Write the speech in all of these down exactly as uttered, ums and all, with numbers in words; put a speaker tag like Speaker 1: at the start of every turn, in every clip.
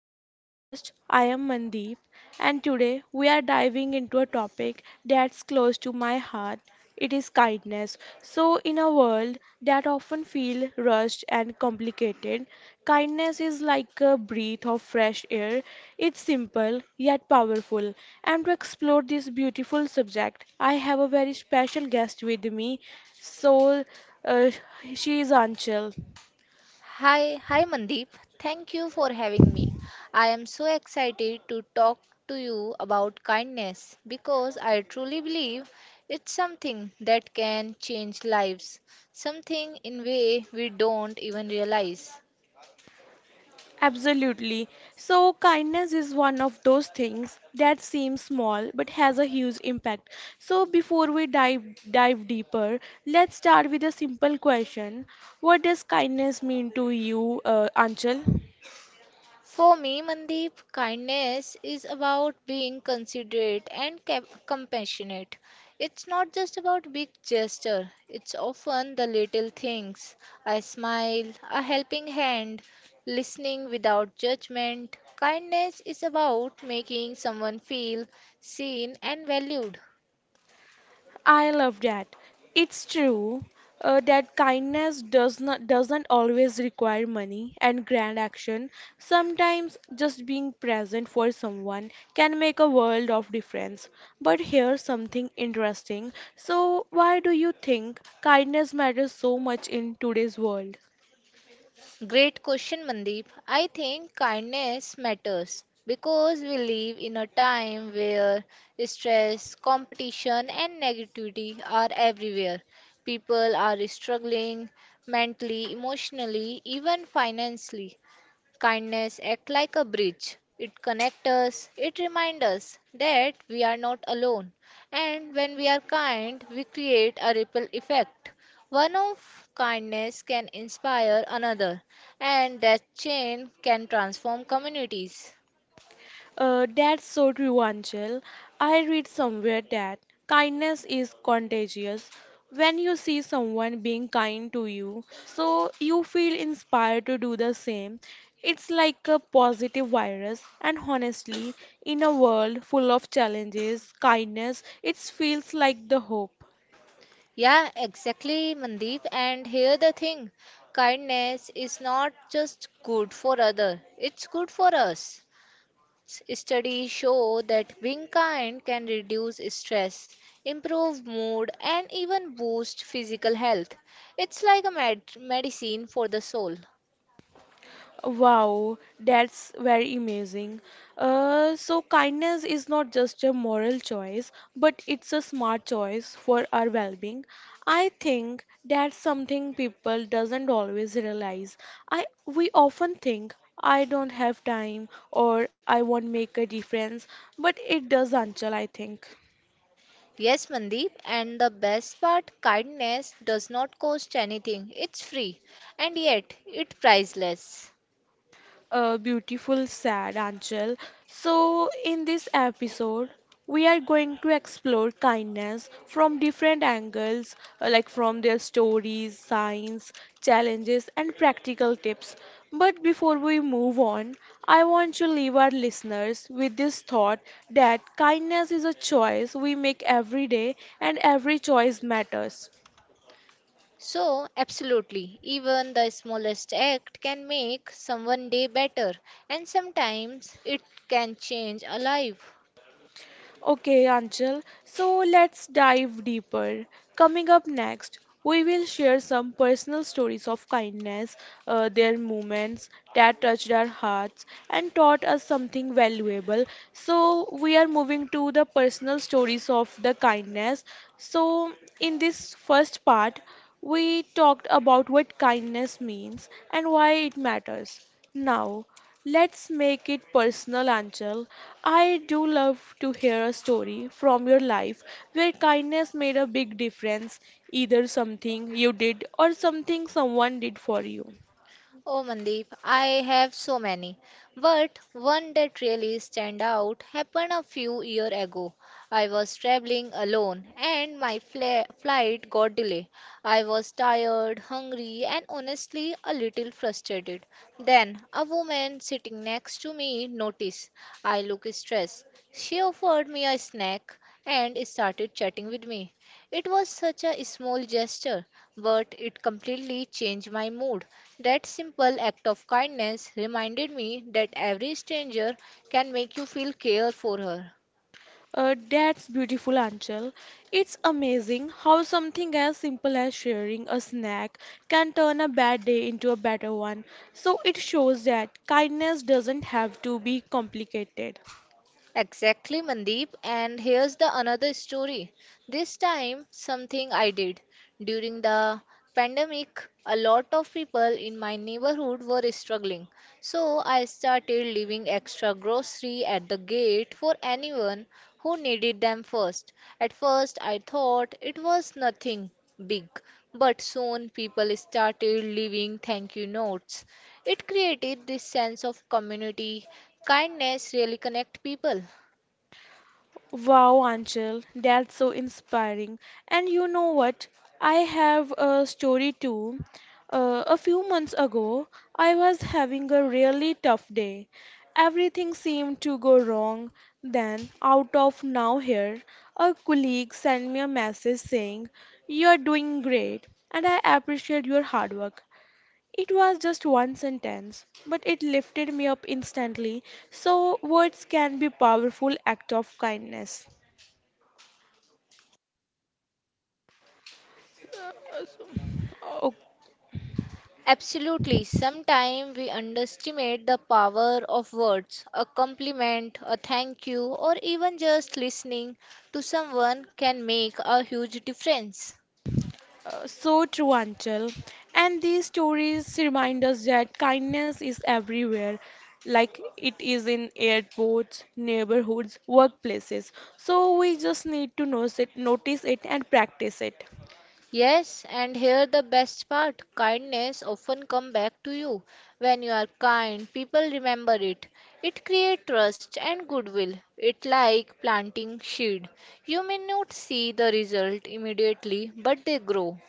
Speaker 1: our podcast. I am Mandeep, and today we are diving into a topic that's close to my heart. It is kindness. So, in a world that often feels rushed and complicated, kindness is like a breath of fresh air. It's simple yet powerful. And to explore this beautiful subject, I have a very special guest with me. So, uh, she is Anchal.
Speaker 2: Hi, hi Mandeep. Thank you for having me. I am so excited to talk to you about kindness because I truly believe it's something that can change lives, something in way we don't even realize.
Speaker 1: Absolutely. So, kindness is one of those things that seems small but has a huge impact. So, before we dive dive deeper, let's start with a simple question. What does kindness mean to you, uh, Anchal?
Speaker 2: For me, Mandeep, kindness is about being considerate and cap- compassionate. It's not just about big gesture, it's often the little things. A smile, a helping hand, listening without judgment. Kindness is about making someone feel seen and valued.
Speaker 1: I love that. It's true, uh, that kindness does not doesn't always require money and grand action. Sometimes just being present for someone can make a world of difference. But here's something interesting. So, why do you think kindness matters so much in today's world?
Speaker 2: Great question, Mandeep. I think kindness matters because we live in a time where stress, competition, and negativity are everywhere. People are struggling mentally, emotionally, even financially. Kindness act like a bridge. It connects us, it reminds us that we are not alone. And when we are kind, we create a ripple effect. One of kindness can inspire another, and that chain can transform communities.
Speaker 1: Uh, that's so true, Angel. I read somewhere that kindness is contagious. When you see someone being kind to you, so you feel inspired to do the same. It's like a positive virus, and honestly, in a world full of challenges, kindness, it feels like the hope.
Speaker 2: Yeah, exactly, Mandeep. And here the thing kindness is not just good for other, it's good for us. S- Studies show that being kind can reduce stress, improve mood, and even boost physical health. It's like a med- medicine for the soul.
Speaker 1: Wow, that's very amazing. Uh, so, kindness is not just a moral choice, but it's a smart choice for our well-being. I think that's something people doesn't always realize. I We often think I don't have time or I won't make a difference, but it does, Anchal, I think.
Speaker 2: Yes, Mandeep, and the best part kindness does not cost anything, it's free, and yet it's priceless.
Speaker 1: A beautiful, sad, Anchal. So, in this episode, we are going to explore kindness from different angles, uh, like from their stories, signs, challenges, and practical tips. But before we move on, I want to leave our listeners with this thought that kindness is a choice we make every day, and every choice matters.
Speaker 2: So, absolutely, even the smallest act can make someone day better, and sometimes it can change a life.
Speaker 1: Okay, Anchal, so let's dive deeper. Coming up next, we will share some personal stories of kindness, uh, their moments that touched our hearts and taught us something valuable. So, we are moving to the personal stories of the kindness. So, in this first part, we talked about what kindness means and why it matters. Now, let's make it personal, Anchal. I do love to hear a story from your life where kindness made a big difference, either something you did or something someone did for you.
Speaker 2: Oh, Mandeep, I have so many, but one that really stand out happened a few year ago. I was traveling alone and my fla- flight got delayed. I was tired, hungry, and honestly a little frustrated. Then a woman sitting next to me noticed I looked stressed. She offered me a snack and started chatting with me. It was such a small gesture, but it completely changed my mood. That simple act of kindness reminded me that every stranger can make you feel care for her.
Speaker 1: Uh, that's beautiful, Anchal. It's amazing how something as simple as sharing a snack can turn a bad day into a better one. So it shows that kindness doesn't have to be complicated.
Speaker 2: Exactly, Mandeep. And here's the another story. This time, something I did. During the pandemic, a lot of people in my neighborhood were struggling. So I started leaving extra grocery at the gate for anyone who needed them first. At first, I thought it was nothing big, but soon people started leaving thank you notes. It created this sense of community. Kindness really connect people.
Speaker 1: Wow, Anchal, that's so inspiring. And you know what? I have a story too. Uh, a few months ago, I was having a really tough day. Everything seemed to go wrong. Then, out of now here, a colleague sent me a message saying, "You're doing great, and I appreciate your hard work." It was just one sentence, but it lifted me up instantly. So, words can be powerful act of kindness. Uh, so- Oh,
Speaker 2: Absolutely. Sometimes we underestimate the power of words. A compliment, a thank you, or even just listening to someone can make a huge difference.
Speaker 1: uh, so true, Anchal. And these stories remind us that kindness is everywhere, like it is in airports, neighborhoods, workplaces. So we just need to notice it, notice it and practice it.
Speaker 2: Yes, and here the best part kindness often come back to you. When you are kind, people remember it. It creates trust and goodwill. It like planting seed. You may not see the result immediately, but they grow.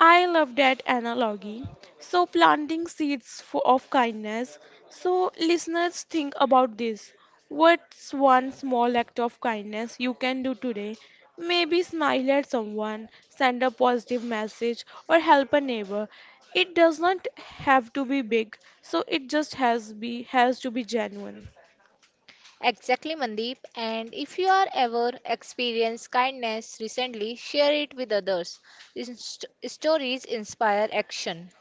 Speaker 1: I love that analogy. So, planting seeds for, of kindness. So, listeners, think about this. What's one small act of kindness you can do today? Maybe smile at someone, send a positive message, or help a neighbor. It does not have to be big, so it just has be has to be genuine.
Speaker 2: Exactly, Mandeep. And if you are ever experienced kindness recently, share it with others. Inst- stories inspire action.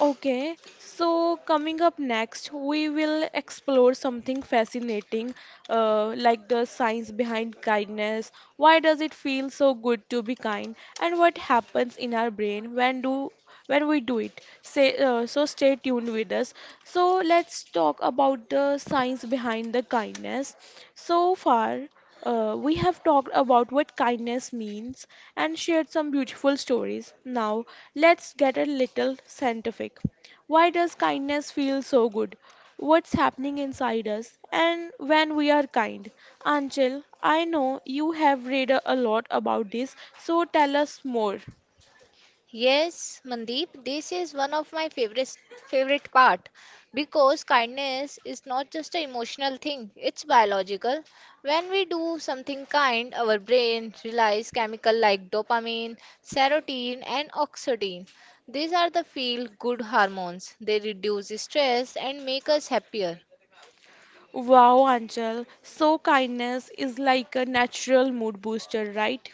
Speaker 1: Okay, so coming up next, we will explore something fascinating, uh, like the science behind kindness. Why does it feel so good to be kind, and what happens in our brain when do when we do it? Say, uh, so stay tuned with us. So let's talk about the science behind the kindness. So far. Uh, we have talked about what kindness means and shared some beautiful stories. Now, let's get a little scientific. Why does kindness feel so good? What's happening inside us and when we are kind? Anchal, I know you have read a a lot about this, so tell us more.
Speaker 2: Yes, Mandeep, this is one of my favorite favorite part because kindness is not just an emotional thing, it's biological. When we do something kind, our brain releases chemical like dopamine, serotonin and oxytocin. These are the feel good hormones. They reduce stress and make us happier.
Speaker 1: Wow, Anchal. So, kindness is like a natural mood booster, right?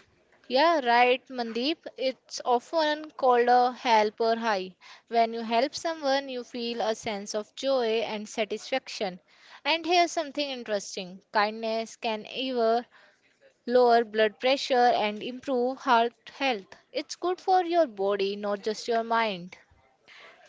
Speaker 2: Yeah, right, Mandeep. It's often called a helper high. When you help someone, you feel a sense of joy and satisfaction. And here's something interesting kindness can either lower blood pressure and improve heart health. It's good for your body, not just your mind.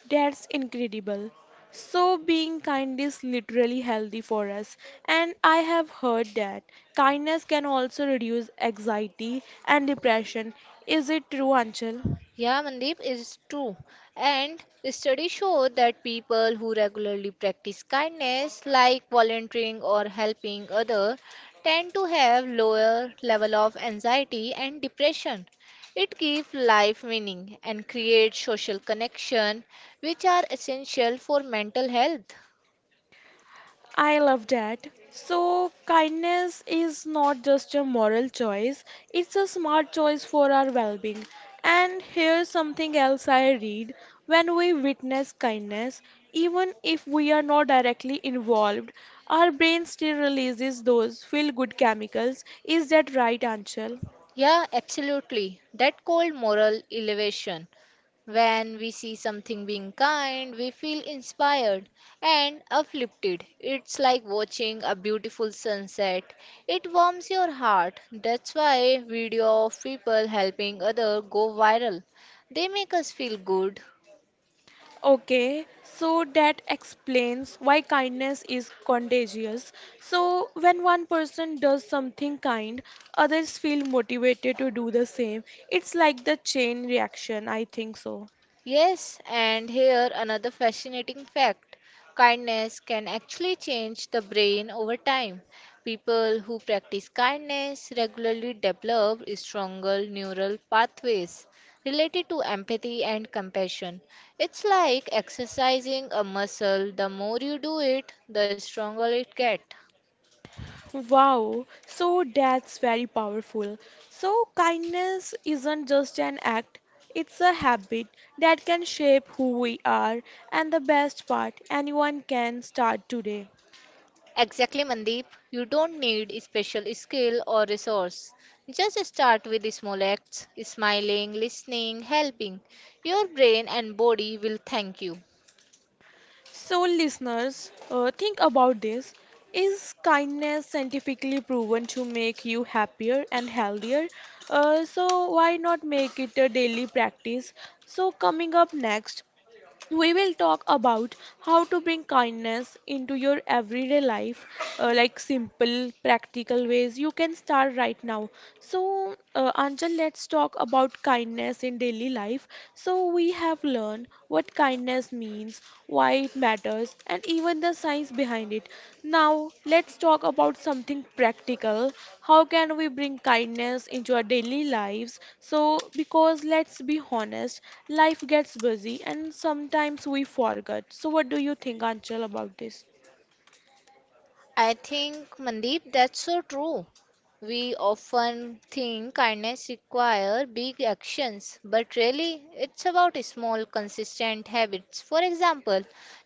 Speaker 1: That's incredible. So, being kind is literally healthy for us. And I have heard that kindness can also reduce anxiety and depression. Is it true, Anchal?
Speaker 2: Yeah, Mandeep is true. And studies show that people who regularly practice kindness, like volunteering or helping others, tend to have lower level of anxiety and depression. It gives life meaning and creates social connection, which are essential for mental health.
Speaker 1: I love that. So, kindness is not just a moral choice, it's a smart choice for our well being. And here's something else I read when we witness kindness, even if we are not directly involved, our brain still releases those feel good chemicals. Is that right, Anshul?
Speaker 2: Yeah, absolutely. That cold moral elevation. When we see something being kind, we feel inspired and uplifted. It's like watching a beautiful sunset. It warms your heart. That's why video of people helping other go viral. They make us feel good.
Speaker 1: Okay, so that explains why kindness is contagious. So, when one person does something kind, others feel motivated to do the same. It's like the chain reaction, I think so.
Speaker 2: Yes, and here another fascinating fact kindness can actually change the brain over time. People who practice kindness regularly develop stronger neural pathways related to empathy and compassion. It's like exercising a muscle, the more you do it, the stronger it gets.
Speaker 1: Wow, so that's very powerful. So, kindness isn't just an act, it's a habit that can shape who we are, and the best part, anyone can start today.
Speaker 2: Exactly, Mandeep. You don't need a special skill or resource. Just start with the small acts, smiling, listening, helping. Your brain and body will thank you.
Speaker 1: So, listeners, uh, think about this. Is kindness scientifically proven to make you happier and healthier? Uh, so, why not make it a daily practice? So, coming up next, we will talk about how to bring kindness into your everyday life, uh, like simple, practical ways you can start right now. So, uh, Anjal, let's talk about kindness in daily life. So, we have learned what kindness means, why it matters, and even the science behind it. Now, let's talk about something practical. How can we bring kindness into our daily lives? So, because let's be honest, life gets busy and sometimes we forget. So, what do you think, Anchal, about this?
Speaker 2: I think, Mandeep, that's so true. We often think kindness require big actions, but really it's about small, consistent habits. For example,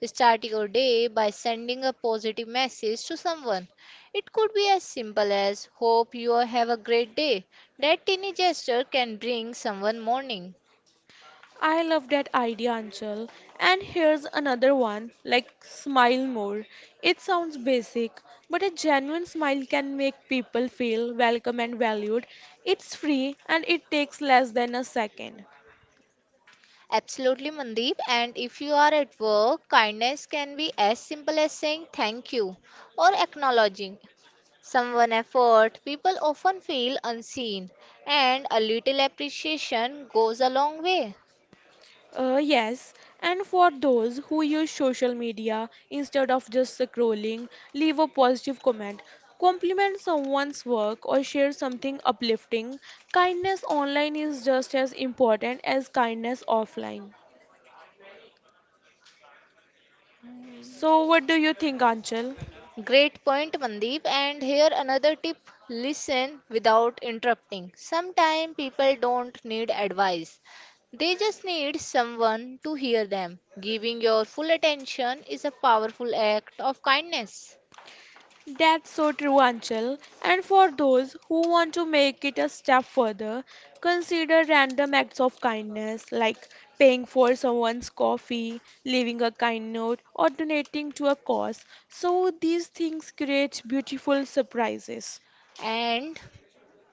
Speaker 2: start your day by sending a positive message to someone. It could be as simple as, Hope you have a great day. That tiny gesture can bring someone morning.
Speaker 1: I love that idea, Anchal. And here's another one like smile more. It sounds basic, but a genuine smile can make people feel welcome and valued. It's free and it takes less than a second.
Speaker 2: Absolutely, Mandeep. And if you are at work, kindness can be as simple as saying thank you or acknowledging someone effort, people often feel unseen, and a little appreciation goes a long way.
Speaker 1: Uh, yes, and for those who use social media instead of just scrolling, leave a positive comment. Compliment someone's work or share something uplifting. Kindness online is just as important as kindness offline. So, what do you think, Anchal?
Speaker 2: Great point, Mandeep. And here another tip listen without interrupting. Sometimes people don't need advice, they just need someone to hear them. Giving your full attention is a powerful act of kindness.
Speaker 1: That's so true, Anchal. And for those who want to make it a step further, consider random acts of kindness like paying for someone's coffee, leaving a kind note, or donating to a cause. So, these things create beautiful surprises.
Speaker 2: And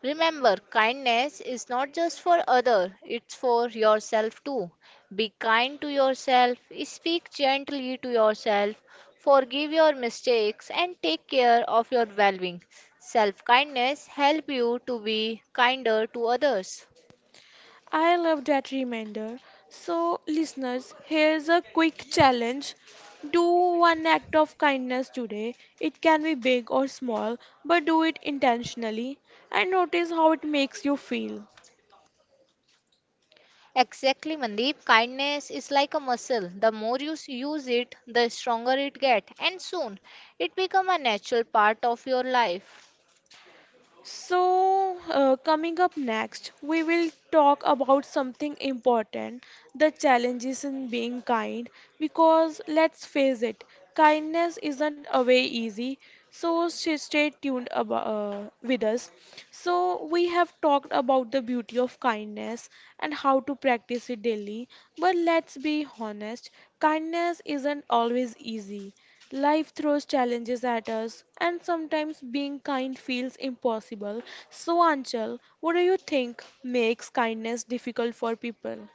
Speaker 2: remember, kindness is not just for others, it's for yourself too. Be kind to yourself, speak gently to yourself, forgive your mistakes, and take care of your well being. Self kindness help you to be kinder to others.
Speaker 1: I love that reminder. So, listeners, here's a quick challenge. Do one act of kindness today. It can be big or small, but do it intentionally and notice how it makes you feel.
Speaker 2: Exactly, Mandeep. Kindness is like a muscle. The more you s- use it, the stronger it gets, and soon it becomes a natural part of your life.
Speaker 1: So, uh, coming up next, we will talk about something important: the challenges in being kind. Because let's face it, kindness isn't away easy. So, stay stay tuned abo- uh, with us. So, we have talked about the beauty of kindness and how to practice it daily. But let's be honest, kindness isn't always easy. Life throws challenges at us, and sometimes being kind feels impossible. So, Anchal, what do you think makes kindness difficult for people?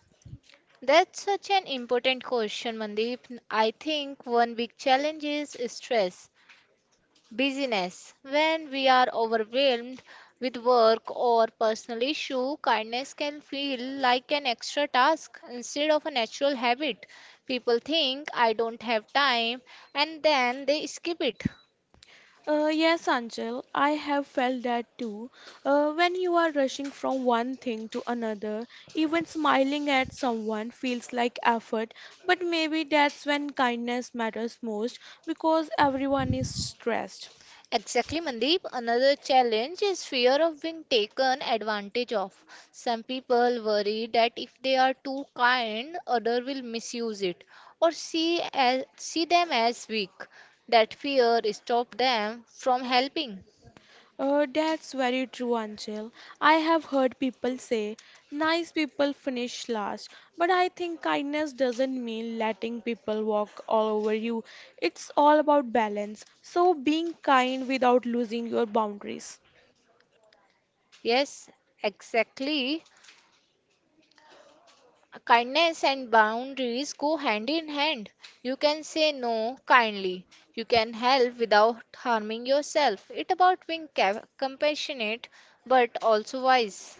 Speaker 2: That's such an important question, Mandeep. I think one big challenge is stress, busyness. When we are overwhelmed with work or personal issue, kindness can feel like an extra task instead of a natural habit. People think I don't have time and then they skip it.
Speaker 1: Uh, yes, Anchal, I have felt that too. Uh, when you are rushing from one thing to another, even smiling at someone feels like effort, but maybe that's when kindness matters most because everyone is stressed.
Speaker 2: Exactly, Mandeep. Another challenge is fear of being taken advantage of. Some people worry that if they are too kind, other will misuse it or see as, see them as weak. That fear stops them from helping.
Speaker 1: Uh, that's very true, Anchal. I have heard people say nice people finish last, but I think kindness doesn't mean letting people walk all over you. It's all about balance. So, being kind without losing your boundaries.
Speaker 2: Yes, exactly. Kindness and boundaries go hand in hand. You can say no kindly. You can help without harming yourself. It's about being ca- compassionate but also wise.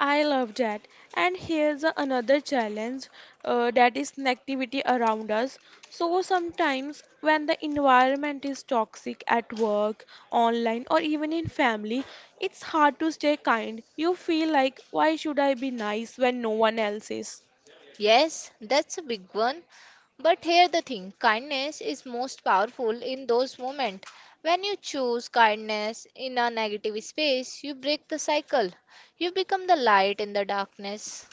Speaker 1: I love that. And here's a- another challenge, uh, that is negativity around us. So sometimes when the environment is toxic at work, online, or even in family, it's hard to stay kind. You feel like, why should I be nice when no one else is?
Speaker 2: Yes, that's a big one. But here the thing kindness is most powerful in those moments. When you choose kindness in a negative space, you break the cycle. You become the light in the darkness.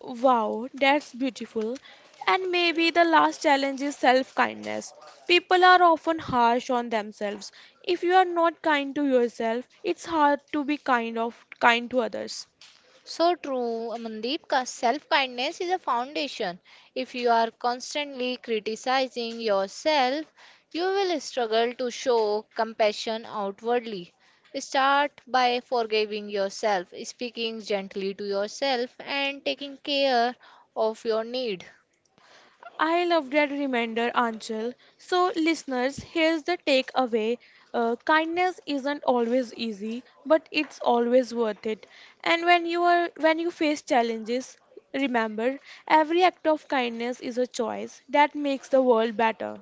Speaker 1: Wow, that's beautiful. And maybe the last challenge is self kindness. People are often harsh on themselves. If you are not kind to yourself, it's hard to be kind of kind to others.
Speaker 2: So true, Mandeep. Self kindness is a foundation. If you are constantly criticizing yourself, you will struggle to show compassion outwardly. Start by forgiving yourself, speaking gently to yourself, and taking care of your need.
Speaker 1: I love that reminder, Anchal. So, listeners, here's the takeaway. Uh, kindness isn't always easy, but it's always worth it. And when you are when you face challenges, remember every act of kindness is a choice that makes the world better.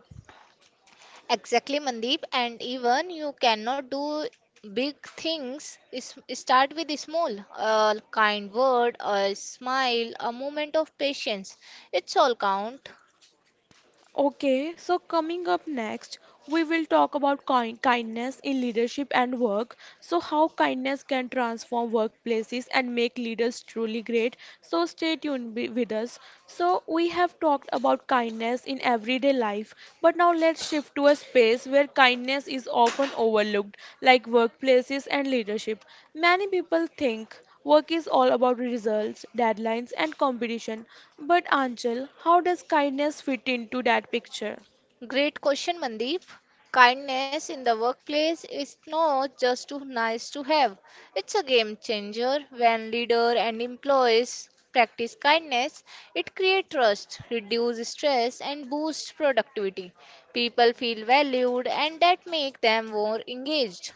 Speaker 2: Exactly, Mandeep. And even you cannot do big things. Is start with small, a kind word, a smile, a moment of patience. It's all count.
Speaker 1: Okay, so coming up next, we will talk about ki- kindness in leadership and work. So, how kindness can transform workplaces and make leaders truly great. So, stay tuned wi- with us. So, we have talked about kindness in everyday life, but now let's shift to a space where kindness is often overlooked, like workplaces and leadership. Many people think work is all about results, deadlines, and competition. But Anchal, how does kindness fit into that picture?
Speaker 2: Great question, Mandeep. Kindness in the workplace is not just too nice to have. It's a game changer when leader and employees practice kindness. It creates trust, reduces stress and boosts productivity. People feel valued and that makes them more engaged.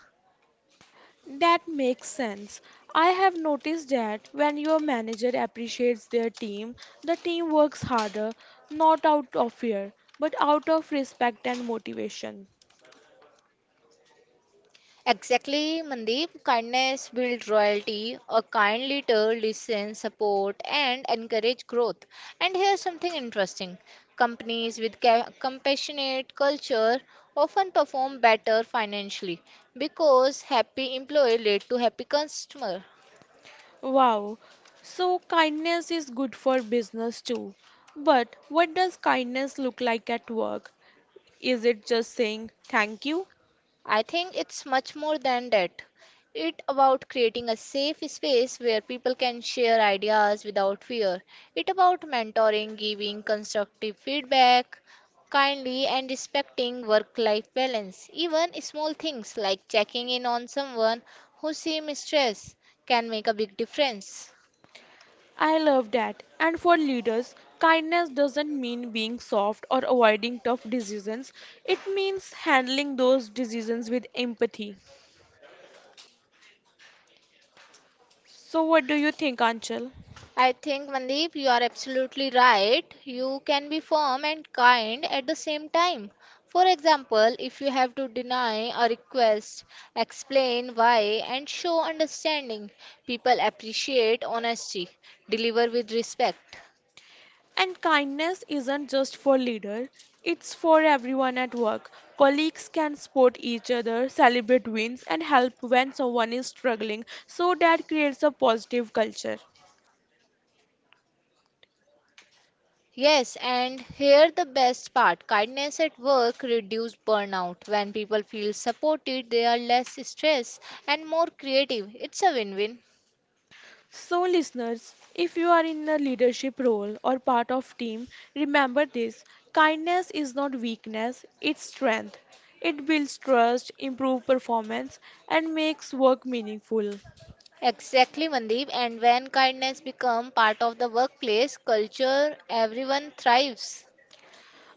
Speaker 1: That makes sense. I have noticed that when your manager appreciates their team, the team works harder, not out of fear, but out of respect and motivation.
Speaker 2: Exactly, Mandeep. Kindness builds royalty. A kind leader listens, support, and encourage growth. And here's something interesting: companies with ca- compassionate culture often perform better financially because happy employee lead to happy customer.
Speaker 1: Wow. So kindness is good for business too. But what does kindness look like at work? Is it just saying thank you?
Speaker 2: I think it's much more than that. It about creating a safe space where people can share ideas without fear. It about mentoring, giving constructive feedback, kindly and respecting work-life balance. Even small things like checking in on someone who seems stressed can make a big difference.
Speaker 1: I love that. And for leaders, kindness doesn't mean being soft or avoiding tough decisions. It means handling those decisions with empathy. So, what do you think, Anchal?
Speaker 2: I think, Mandeep, you are absolutely right. You can be firm and kind at the same time. For example, if you have to deny a request, explain why, and show understanding. People appreciate honesty. Deliver with respect.
Speaker 1: And kindness isn't just for leader, it's for everyone at work. Colleagues can support each other, celebrate wins, and help when someone is struggling. So, that creates a positive culture.
Speaker 2: Yes, and here the best part kindness at work reduce burnout. When people feel supported, they are less stressed and more creative. It's a win win.
Speaker 1: So listeners, if you are in a leadership role or part of team, remember this. Kindness is not weakness, it's strength. It builds trust, improves performance and makes work meaningful.
Speaker 2: Exactly, Mandeep. And when kindness become part of the workplace culture, everyone thrives.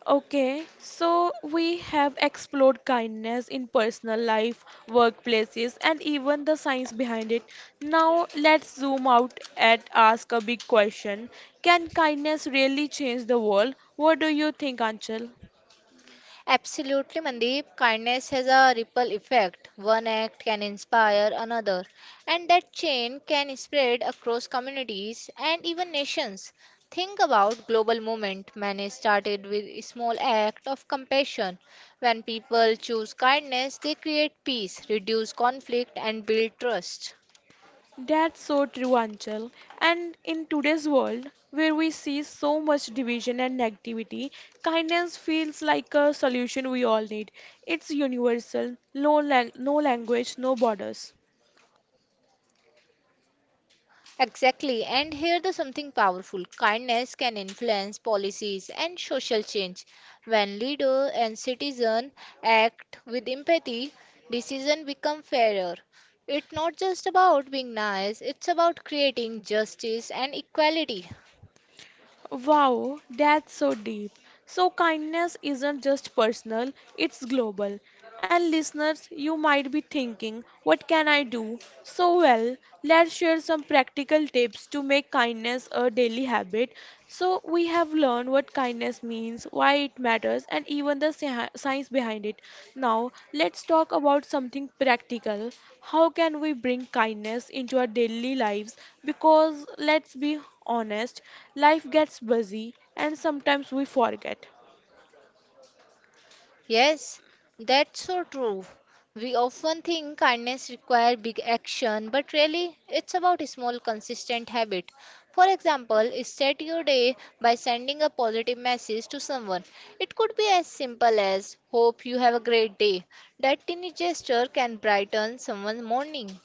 Speaker 1: Okay, so we have explored kindness in personal life, workplaces and even the science behind it. Now let's zoom out and ask a big question. Can kindness really change the world? What do you think, Anchal?
Speaker 2: Absolutely, Mandeep. Kindness has a ripple effect. One act can inspire another, and that chain can spread across communities and even nations. Think about global movement. Many started with a small act of compassion. When people choose kindness, they create peace, reduce conflict, and build trust.
Speaker 1: That's so true, Anchal. And in today's world, where we see so much division and negativity, kindness feels like a solution we all need. It's universal, no, lang- no language, no borders.
Speaker 2: Exactly. And here the something powerful. Kindness can influence policies and social change. When leader and citizen act with empathy, decision become fairer. It's not just about being nice, it's about creating justice and equality.
Speaker 1: Wow, that's so deep. So, kindness isn't just personal, it's global. And listeners, you might be thinking, what can I do? So, well, let's share some practical tips to make kindness a daily habit. So, we have learned what what kindness means, why it matters, and even the sci- science behind it. Now, let's talk about something practical. How can we bring kindness into our daily lives? Because let's be honest, life gets busy and sometimes we forget.
Speaker 2: Yes, that's so true. We often think kindness requires big action, but really it's about a small consistent habit. For example, start your day by sending a positive message to someone. It could be as simple as hope you have a great day. That tiny gesture can brighten someone's morning.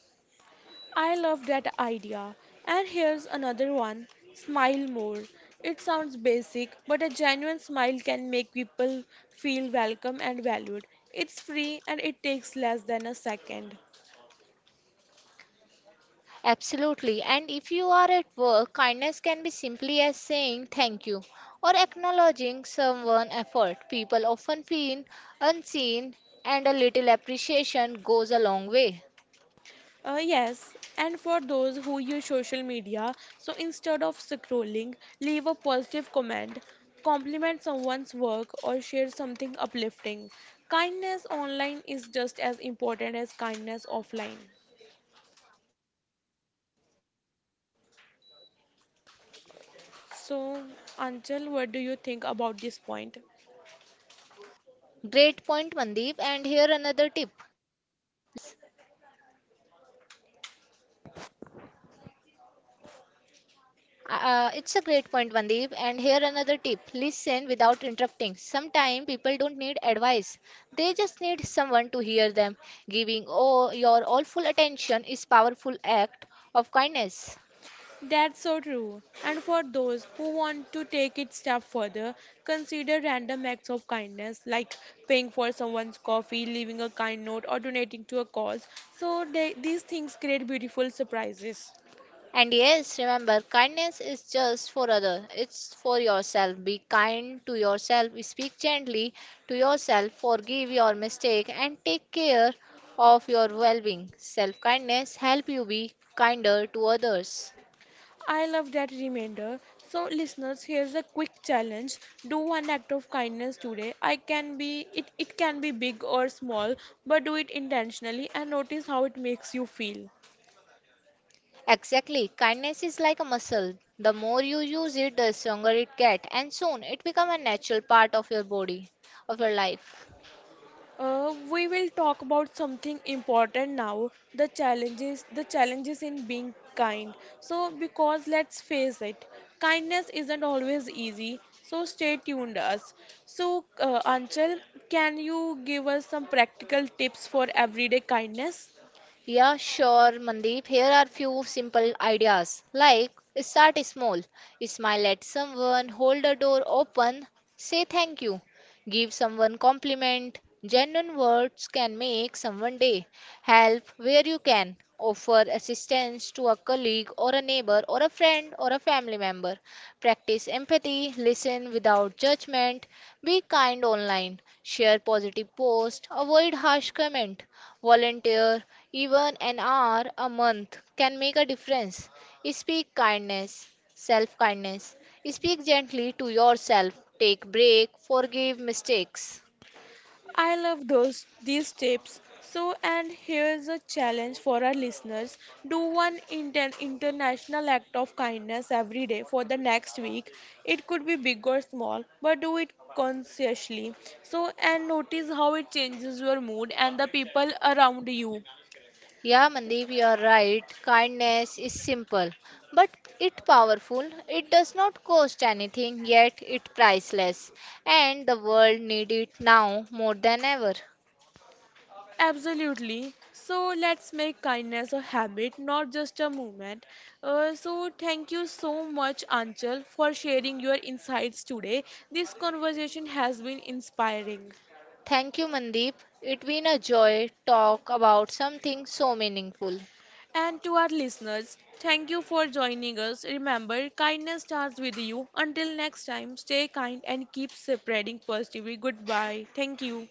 Speaker 1: I love that idea. And here's another one, smile more. It sounds basic, but a genuine smile can make people feel welcome and valued. It's free and it takes less than a second.
Speaker 2: Absolutely. And if you are at work, kindness can be simply as saying thank you or acknowledging someone's effort. People often feel unseen, and a little appreciation goes a long way.
Speaker 1: Uh, yes, and for those who use social media, so instead of scrolling, leave a positive comment, compliment someone's work, or share something uplifting. Kindness online is just as important as kindness offline. So, Anchal, what do you think about this point?
Speaker 2: Great point, Mandeep. And here another tip listen without interrupting. Sometimes people don't need advice, Uh, it's a great point, Vandeep. And here another tip listen without interrupting. Sometimes people don't need advice, they just need someone to hear them. Giving all your all full attention is powerful act
Speaker 1: That's so
Speaker 2: of
Speaker 1: true.
Speaker 2: kindness.
Speaker 1: And for those who want to take it step further, consider random acts of kindness like paying for someone's coffee, leaving a kind note, or donating to a cause. So they, these things create beautiful surprises.
Speaker 2: And yes, remember, kindness is just for other. It's for yourself. Be kind to yourself. Speak gently to yourself. Forgive your mistake and take care of your well-being. Self-kindness help you be kinder to others.
Speaker 1: I love that reminder. So listeners, here's a quick challenge. Do one act of kindness today. I can be it, it can be big or small, but do it intentionally and notice how it makes you feel.
Speaker 2: Exactly. Kindness is like a muscle. The more you use it, the stronger it gets, and soon it becomes a natural part of your body, of your life.
Speaker 1: Uh, we will talk about something important now, the challenges the challenges in being kind, so because let's face it, kindness isn't always easy, so stay tuned us. So uh, Anchal, can you give us some practical tips for everyday kindness?
Speaker 2: Yeah, sure, Mandeep. Here are few simple ideas like start small, smile at someone, hold a door open, say thank you, give someone compliment. Genuine words can make someone day. Help where you can. Offer assistance to a colleague or a neighbor or a friend or a family member. Practice empathy, listen without judgment, be kind online, share positive posts, avoid harsh comment, volunteer even an hour a month can make a difference. Speak kindness, self kindness. Speak gently to yourself, take break, forgive mistakes.
Speaker 1: I love those these tips. So, and here's a challenge for our listeners. Do one inter- international act of kindness every day for the next week. It could be big or small, but do it consciously. So, and notice how it changes your mood and the people around you.
Speaker 2: Yeah, Mandeep, you are right. Kindness is simple, but it powerful. It does not cost anything, yet it priceless, and the world need it now more than ever.
Speaker 1: Absolutely. So let's make kindness a habit, not just a movement. Uh, so thank you so much, Anchal, for sharing your insights today. This conversation has been inspiring.
Speaker 2: Thank you, Mandeep. It's been a joy talk about something so meaningful.
Speaker 1: And to our listeners, thank you for joining us. Remember, kindness starts with you. Until next time, stay kind and keep spreading positivity. Goodbye. Thank you.